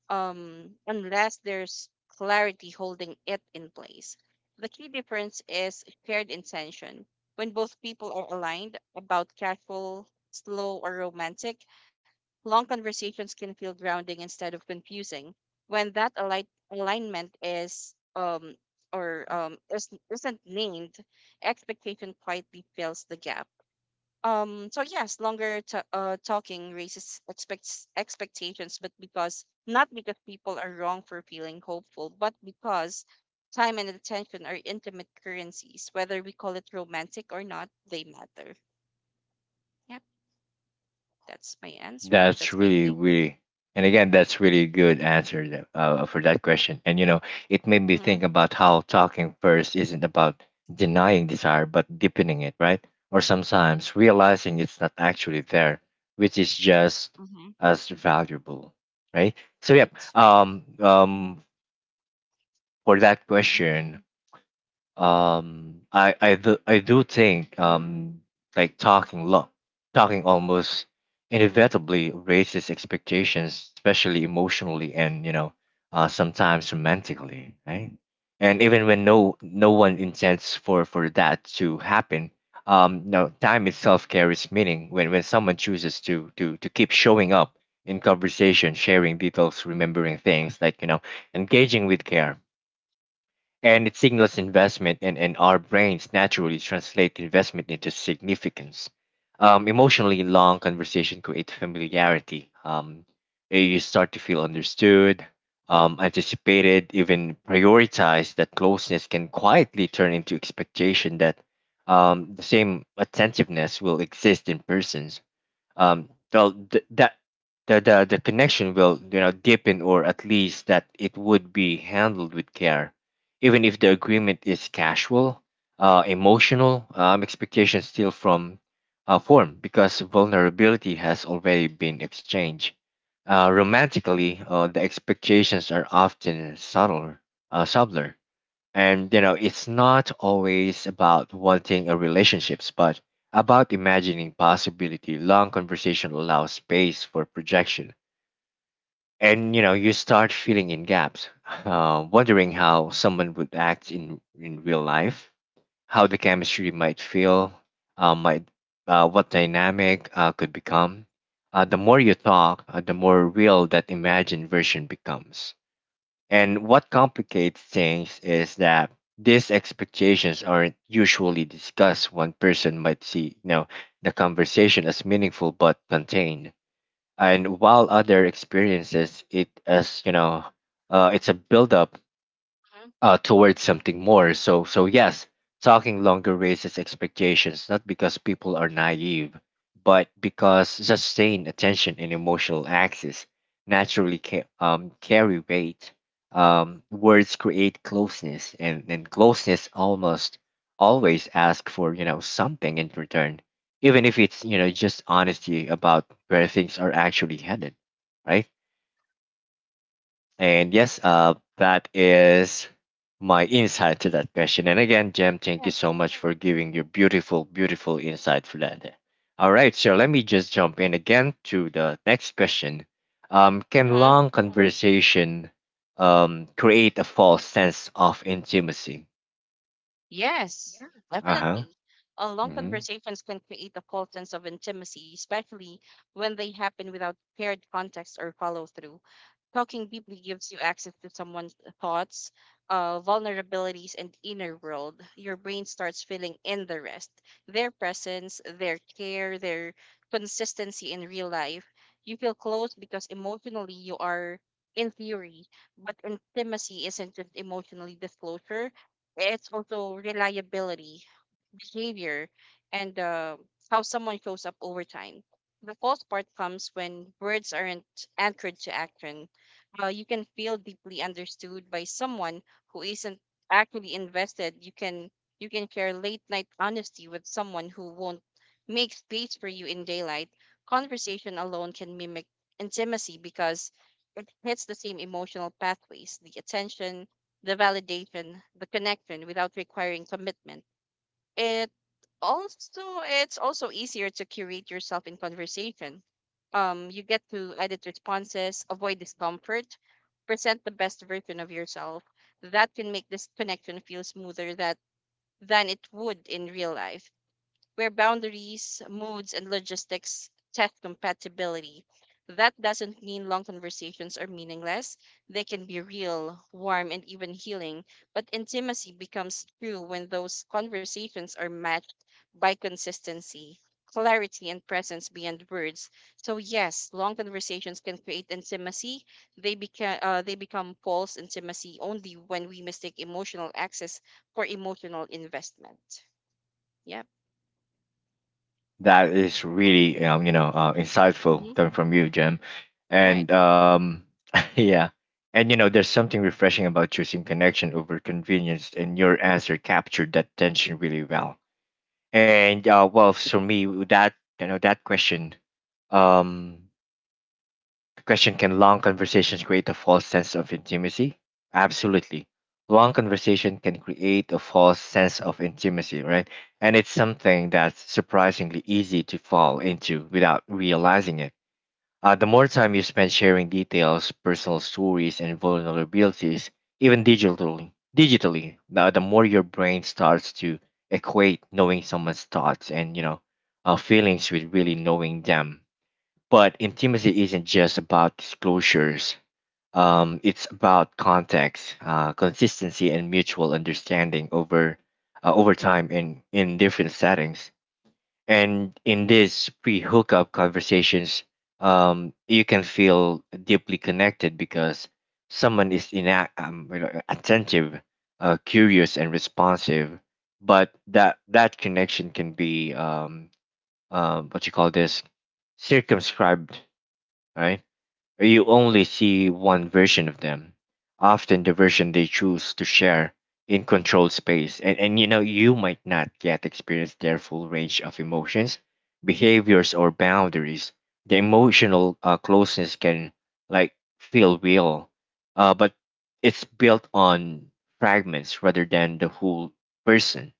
S2: Unless there's clarity holding it in place. The key difference is shared intention. When both people are aligned about casual, slow, or romantic, long conversations can feel grounding instead of confusing. When that alignment is or is, isn't named, expectation quietly fills the gap. So yes, talking raises expects expectations, but because not because people are wrong for feeling hopeful, but because time and attention are intimate currencies. Whether we call it romantic or not, they matter. Yep, that's my answer.
S1: That's
S2: That's my
S1: really,
S2: take.
S1: really, and again, that's really good answer for that question. And it made me
S2: Mm-hmm.
S1: think about how talking first isn't about denying desire, but deepening it, right? Or sometimes realizing it's not actually there, which is just as valuable, right? So, yeah,
S2: Right?
S1: um, um, for that
S2: Mm-hmm,
S1: question, um i i do i do think
S2: mm-hmm,
S1: um like talking almost
S2: mm-hmm,
S1: inevitably raises expectations, especially emotionally, and sometimes romantically, right? And even when no one intends for that to happen, no, time itself carries meaning when someone chooses to keep showing up in conversation, sharing details, remembering things, like engaging with care, and it signals investment, and our brains naturally translate investment into significance. Emotionally, long conversation create familiarity. You start to feel understood, anticipated, even prioritized. That closeness can quietly turn into expectation that the same attentiveness will exist in persons, well, that the connection will deepen, or at least that it would be handled with care. Even if the agreement is casual, emotional expectations still from form because vulnerability has already been exchanged. Romantically, the expectations are often subtler, and it's not always about wanting a relationships, but about imagining possibility. Long conversation allows space for projection. And you start filling in gaps, wondering how someone would act in real life, how the chemistry might feel, uh, might, what dynamic could become. The more you talk, the more real that imagined version becomes, and what complicates things is that these expectations aren't usually discussed. One person might see the conversation as meaningful but contained, and while other experiences it as it's a buildup,
S2: hmm.
S1: towards something more. So, yes, talking longer raises expectations, not because people are naive, but because sustained attention and emotional access naturally carry weight. Words create closeness, and closeness almost always ask for something in return, even if it's just honesty about where things are actually headed, right? And yes, that is my insight to that question. And again, Jem, thank
S2: Yeah.
S1: you so much for giving your beautiful, beautiful insight for that. All right, so let me just jump in again to the next question. Can
S2: Hmm.
S1: long conversation create a false sense of intimacy?
S2: Yes,
S1: Uh huh.
S2: definitely. Long conversations can create a false sense of intimacy, especially when they happen without paired context or follow through. Talking deeply gives you access to someone's thoughts, vulnerabilities, and inner world. Your brain starts filling in the rest, their presence, their care, their consistency in real life. You feel close because emotionally you are, in theory, but intimacy isn't just emotionally disclosure, it's also reliability, behavior, and how someone shows up over time. The false part comes when words aren't anchored to action. You can feel deeply understood by someone who isn't actually invested. You can share late night honesty with someone who won't make space for you in daylight. Conversation alone can mimic intimacy because it hits the same emotional pathways: the attention, the validation, the connection, without requiring commitment. It also, it's also easier to curate yourself in conversation. You get to edit responses, avoid discomfort, present the best version of yourself. That can make this connection feel smoother that than it would in real life where boundaries, moods, and logistics test compatibility. That doesn't mean long conversations are meaningless. They can be real, warm, and even healing. But intimacy becomes true when those conversations are matched by consistency, clarity, and presence beyond words. So yes, long conversations can create intimacy. They become false intimacy only when we mistake emotional access for emotional investment. Yep.
S1: That is really insightful
S2: Mm-hmm.
S1: coming from you, Jim.
S2: Right.
S1: And yeah, and there's something refreshing about choosing connection over convenience, and your answer captured that tension really well. And, well, for me, that you know that question. um, Question: Can long conversations create a false sense of intimacy? Absolutely. Long conversation can create a false sense of intimacy, right? And it's something that's surprisingly easy to fall into without realizing it. The more time you spend sharing details, personal stories, and vulnerabilities, even digitally, the more your brain starts to equate knowing someone's thoughts and feelings with really knowing them, but intimacy isn't just about disclosures. It's about context, consistency, and mutual understanding over time in different settings. And in these pre-hookup conversations, you can feel deeply connected because someone is attentive, curious, and responsive. But that connection can be what you call this, circumscribed, right? You only see one version of them, often the version they choose to share in controlled space. And you might not yet experience their full range of emotions, behaviors, or boundaries. The emotional closeness can like feel real, but it's built on fragments rather than the whole person.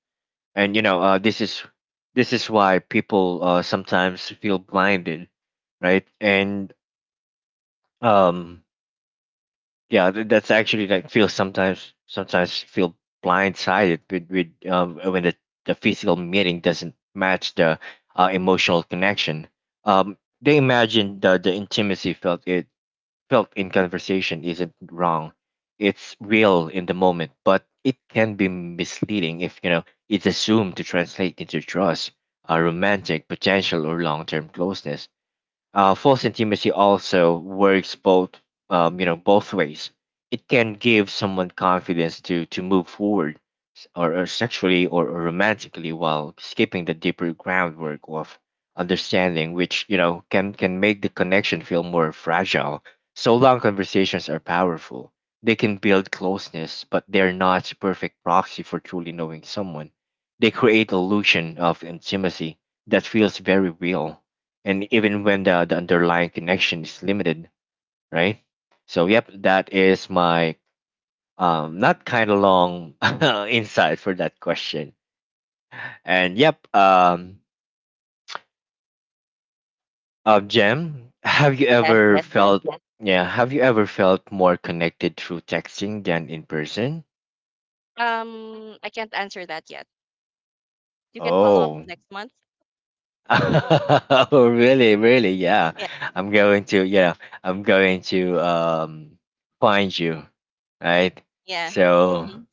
S1: And this is why people sometimes feel blinded, right? And um, yeah, that's actually like feel sometimes feel blindsided with when the physical meeting doesn't match the emotional connection. They imagine the intimacy felt in conversation isn't wrong, it's real in the moment, but it can be misleading if it's assumed to translate into trust, romantic potential, or long-term closeness. False intimacy also works both ways. It can give someone confidence to move forward, or sexually or romantically, while skipping the deeper groundwork of understanding, which can make the connection feel more fragile. So long conversations are powerful. They can build closeness, but they're not perfect proxy for truly knowing someone. They create illusion of intimacy that feels very real and even when the underlying connection is limited, right? So yep, that is my not kind of long insight for that question. And yep, Jem, have you
S2: Yes,
S1: ever
S2: yes.
S1: felt, yeah, have you ever felt more connected through texting than in person?
S2: I can't answer that yet. You can follow up
S1: Oh.
S2: next month.
S1: Oh, really, really, yeah.
S2: Yeah,
S1: I'm going to, yeah, I'm going to find you, right?
S2: yeah,
S1: So
S2: hmm,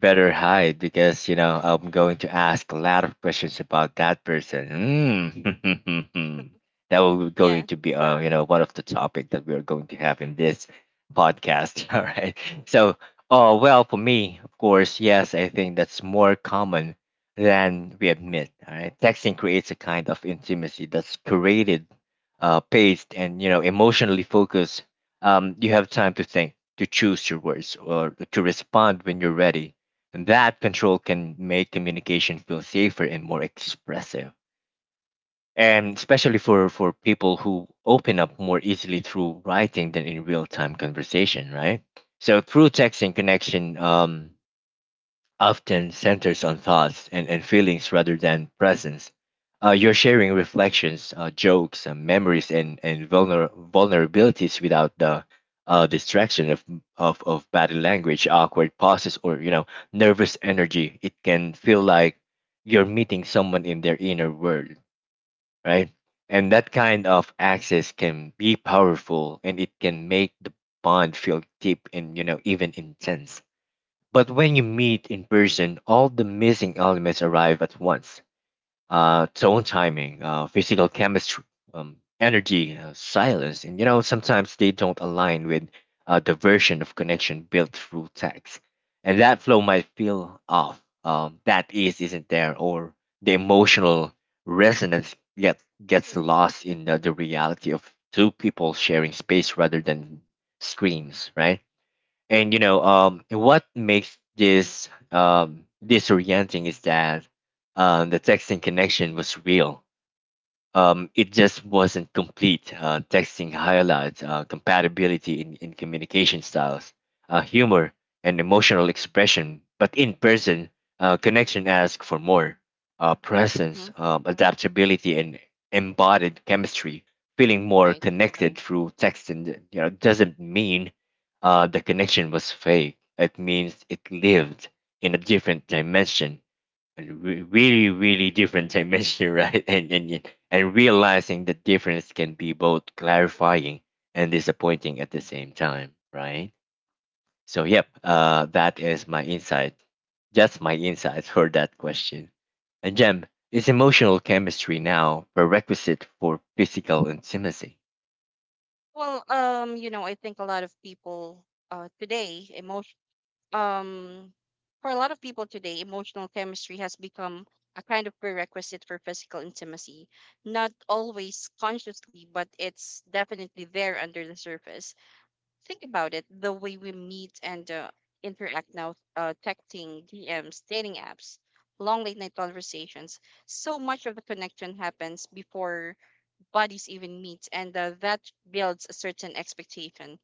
S1: better hide because you know I'm going to ask a lot of questions about that person. Mm. That will going
S2: yeah.
S1: to be you know, one of the topic that we are going to have in this podcast. All right. So, oh well, for me, of course, yes, I think that's more common than we admit. All right, texting creates a kind of intimacy that's curated, paced, and you know emotionally focused. You have time to think, to choose your words, or to respond when you're ready, and that control can make communication feel safer and more expressive, and especially for people who open up more easily through writing than in real time conversation, right? So through texting connection often centers on thoughts and feelings rather than presence. You're sharing reflections, jokes, memories, and vulnerabilities without the distraction of, of body language, awkward pauses, or you know nervous energy. It can feel like you're meeting someone in their inner world, right? And that kind of access can be powerful, and it can make the bond feel deep and you know even intense, but when you meet in person, all the missing elements arrive at once. Tone, timing, physical chemistry, energy, silence. And you know, sometimes they don't align with the version of connection built through text. And that flow might feel off. That is isn't there, or the emotional resonance gets lost in the reality of two people sharing space rather than screens, right? And you know, what makes this disorienting is that the texting connection was real. It just wasn't complete. Texting highlights compatibility in communication styles, humor, and emotional expression, but in person, connection asks for more presence,
S2: Hmm.
S1: adaptability, and embodied chemistry. Feeling more
S2: Right.
S1: connected through texting, you know, doesn't mean the connection was fake, it means it lived in a different dimension, a really really different dimension. Right, and realizing the difference can be both clarifying and disappointing at the same time, right? So yep, that is my insight, just my insights for that question. And Jem, is emotional chemistry now prerequisite for physical intimacy?
S2: Well, you know, I think a lot of people today emotion um for a lot of people today, emotional chemistry has become a kind of prerequisite for physical intimacy. Not always consciously, but it's definitely there under the surface. Think about it, the way we meet and interact now, texting, DMs, dating apps, long late night conversations. So much of the connection happens before bodies even meet, and that builds a certain expectation.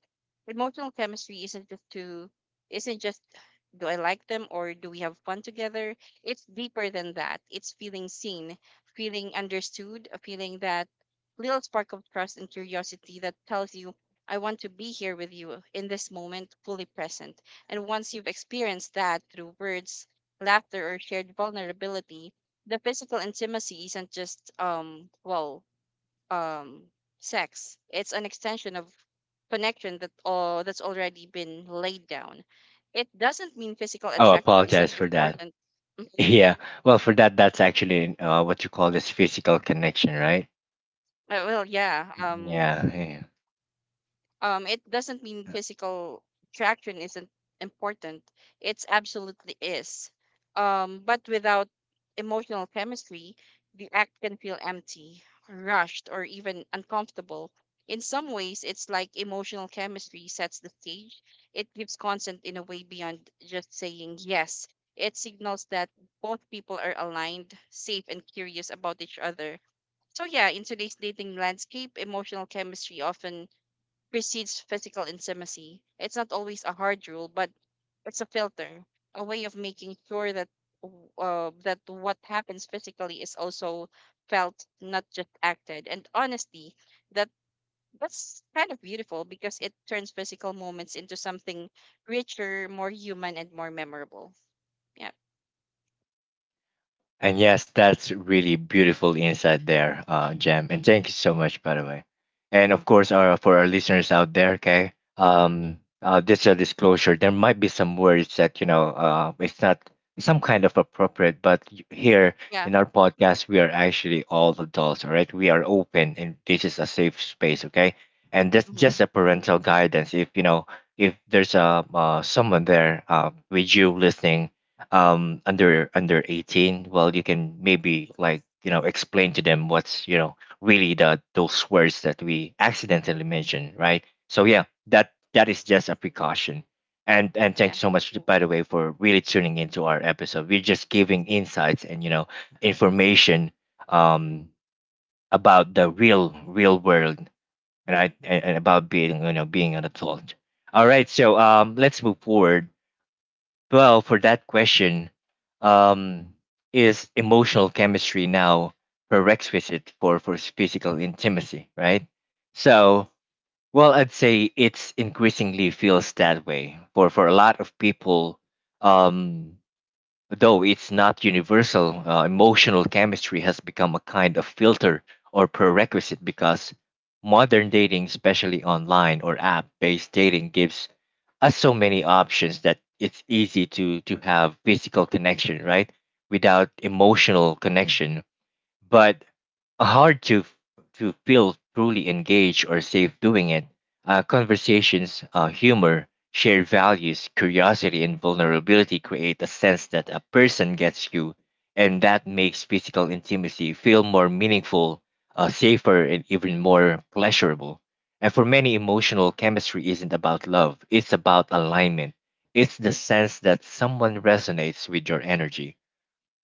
S2: Emotional chemistry isn't just do I like them or do we have fun together? It's deeper than that. It's feeling seen, feeling understood, a feeling, that little spark of trust and curiosity that tells you I want to be here with you in this moment, fully present. And once you've experienced that through words, laughter, or shared vulnerability, the physical intimacy isn't just um sex. It's an extension of connection that's already been laid down. It doesn't mean physical
S1: Oh,
S2: attraction isn't
S1: apologize for that.
S2: important. Mhm.
S1: Yeah, well, for that, that's actually what you call this physical connection, right?
S2: Well, yeah.
S1: Yeah, yeah.
S2: It doesn't mean physical attraction isn't important. It's absolutely is. But without emotional chemistry, the act can feel empty, rushed, or even uncomfortable. In some ways, it's like emotional chemistry sets the stage. It gives consent in a way beyond just saying yes. It signals that both people are aligned, safe, and curious about each other. So, yeah, in today's dating landscape, emotional chemistry often precedes physical intimacy. It's not always a hard rule, but it's a filter, a way of making sure that that what happens physically is also felt, not just acted. And honestly, that that's kind of beautiful because it turns physical moments into something richer, more human, and more memorable. Yeah,
S1: And yes, that's really beautiful insight there, Jem. And thank you so much, by the way. And of course, our for our listeners out there, okay, this is a disclosure. There might be some words that you know, it's not some kind of appropriate, but here
S2: yeah,
S1: in our podcast, we are actually all adults, all right? We are open, and this is a safe space, okay? And that's just
S2: hmm,
S1: a parental guidance. If you know, if there's a someone there with you listening, under under 18, well you can maybe like you know explain to them what's you know really the those words that we accidentally mentioned, right? So yeah, that that is just a precaution. And thank
S2: yeah.
S1: you so much, by the way, for really tuning into our episode. We're just giving insights and you know information um about the real real world, right? And about being, you know, being an adult. All right, so let's move forward. Well, for that question, um, is emotional chemistry now prerequisite for physical intimacy, right? So, well, I'd say it's increasingly feels that way for a lot of people. Um, though it's not universal, emotional chemistry has become a kind of filter or prerequisite because modern dating, especially online or app based dating, gives as so many options that it's easy to have physical connection, right, without emotional connection, but hard to to feel truly engaged or safe doing it. Conversations, humor, shared values, curiosity, and vulnerability create a sense that a person gets you, and that makes physical intimacy feel more meaningful, safer, and even more pleasurable. And for many, emotional chemistry isn't about love; it's about alignment. It's the sense that someone resonates with your energy,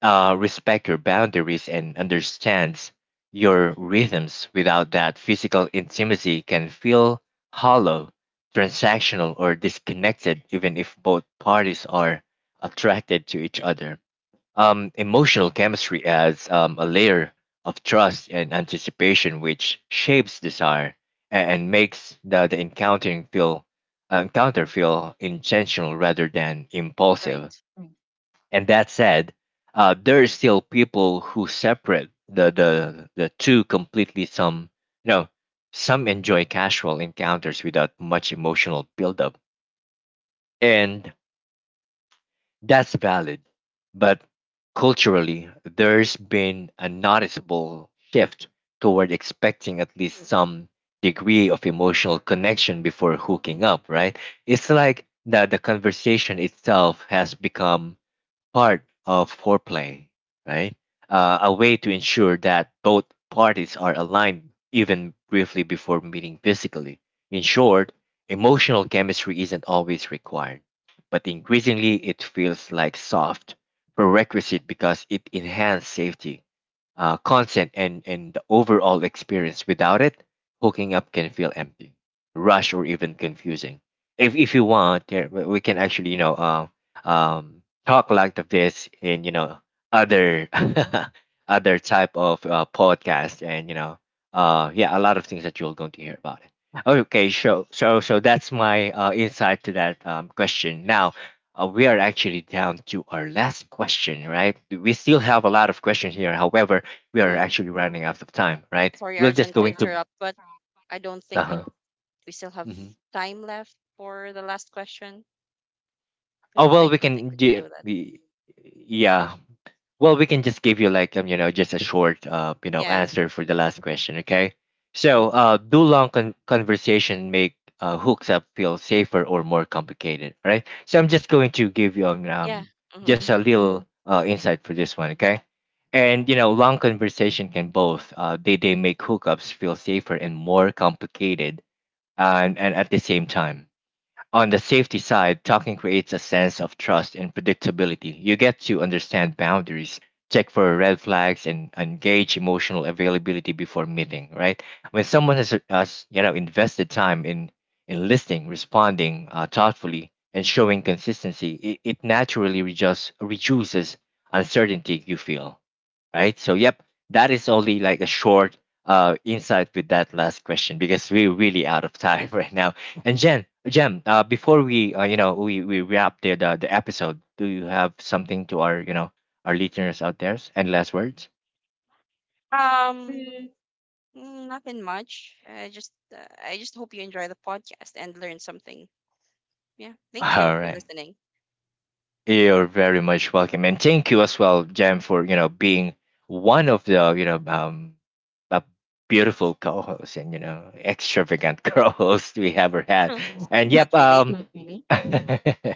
S1: respect your boundaries and understands your rhythms. Without that, physical intimacy can feel hollow, transactional, or disconnected, even if both parties are attracted to each other. Emotional chemistry adds a layer of trust and anticipation, which shapes desire and makes the encounter feel intentional rather than impulsive.
S2: Right.
S1: And that said, there is still people who separate the two completely. Some you know, some enjoy casual encounters without much emotional buildup, and that's valid. But culturally, there's been a noticeable shift toward expecting at least some degree of emotional connection before hooking up. Right? It's like that the conversation itself has become part of foreplay, right? A way to ensure that both parties are aligned even briefly before meeting physically. In short, emotional chemistry isn't always required, but increasingly it feels like soft prerequisite because it enhances safety, content, and the overall experience. Without it, hooking up can feel empty, rushed, or even confusing. If you want, we can actually you know talk like this in you know other other type of podcast and you know yeah, a lot of things that you're going to hear about it. Okay, so so that's my insight to that question. Now we are actually down to our last question, right? We still have a lot of questions here. However, we are
S2: Um,
S1: actually running out of time, right?
S2: Sorry,
S1: We're just
S2: Arjun, to
S1: going to.
S2: interrupt, but I don't think
S1: Uh-huh.
S2: we still have
S1: Hmm.
S2: time left for the last question. I
S1: Oh well, we
S2: don't think
S1: can.
S2: we can do that.
S1: Yeah. Well, we can just give you like you know, just a short you know,
S2: Yeah.
S1: answer for the last question, okay? So,
S2: Hmm.
S1: do long conversation make hooks up feel safer or more complicated, right? So I'm just going to give you
S2: Yeah. Hmm.
S1: just a little insight for this one, okay? And you know, long conversation can both they make hookups feel safer and more complicated and at the same time. On the safety side, talking creates a sense of trust and predictability. You get to understand boundaries, check for red flags, and engage emotional availability before meeting. Right? When someone has you know invested time in listening, responding thoughtfully, and showing consistency, it naturally reduces uncertainty you feel, right? So, yep, that is only like a short insight with that last question because we're really out of time. Right now. And Jen, before we you know we wrap the the episode, do you have something to our you know our listeners out there and last words?
S2: Um, Mm, nothing much. I just hope you enjoy the podcast and learn something. Yeah, thank you
S1: All
S2: for
S1: right.
S2: listening.
S1: You're very much welcome, and thank you as well, Jam, for you know being one of the you know a beautiful co-host and you know extravagant co-host we ever had. And yep,
S2: Not really.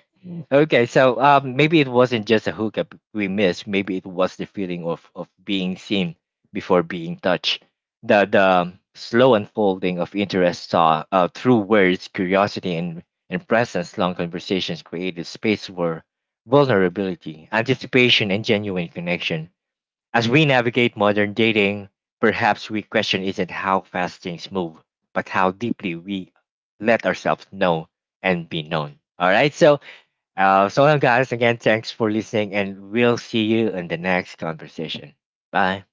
S1: okay, so maybe it wasn't just a hookup we missed. Maybe it was the feeling of being seen before being touched. The slow unfolding of interest saw through words, curiosity, and presence. Long conversations created space where vulnerability, anticipation, and genuine connection. As we navigate modern dating, perhaps we question isn't how fast things move, but how deeply we let ourselves know and be known. All right, so so long, guys. Again, thanks for listening, and we'll see you in the next conversation. Bye.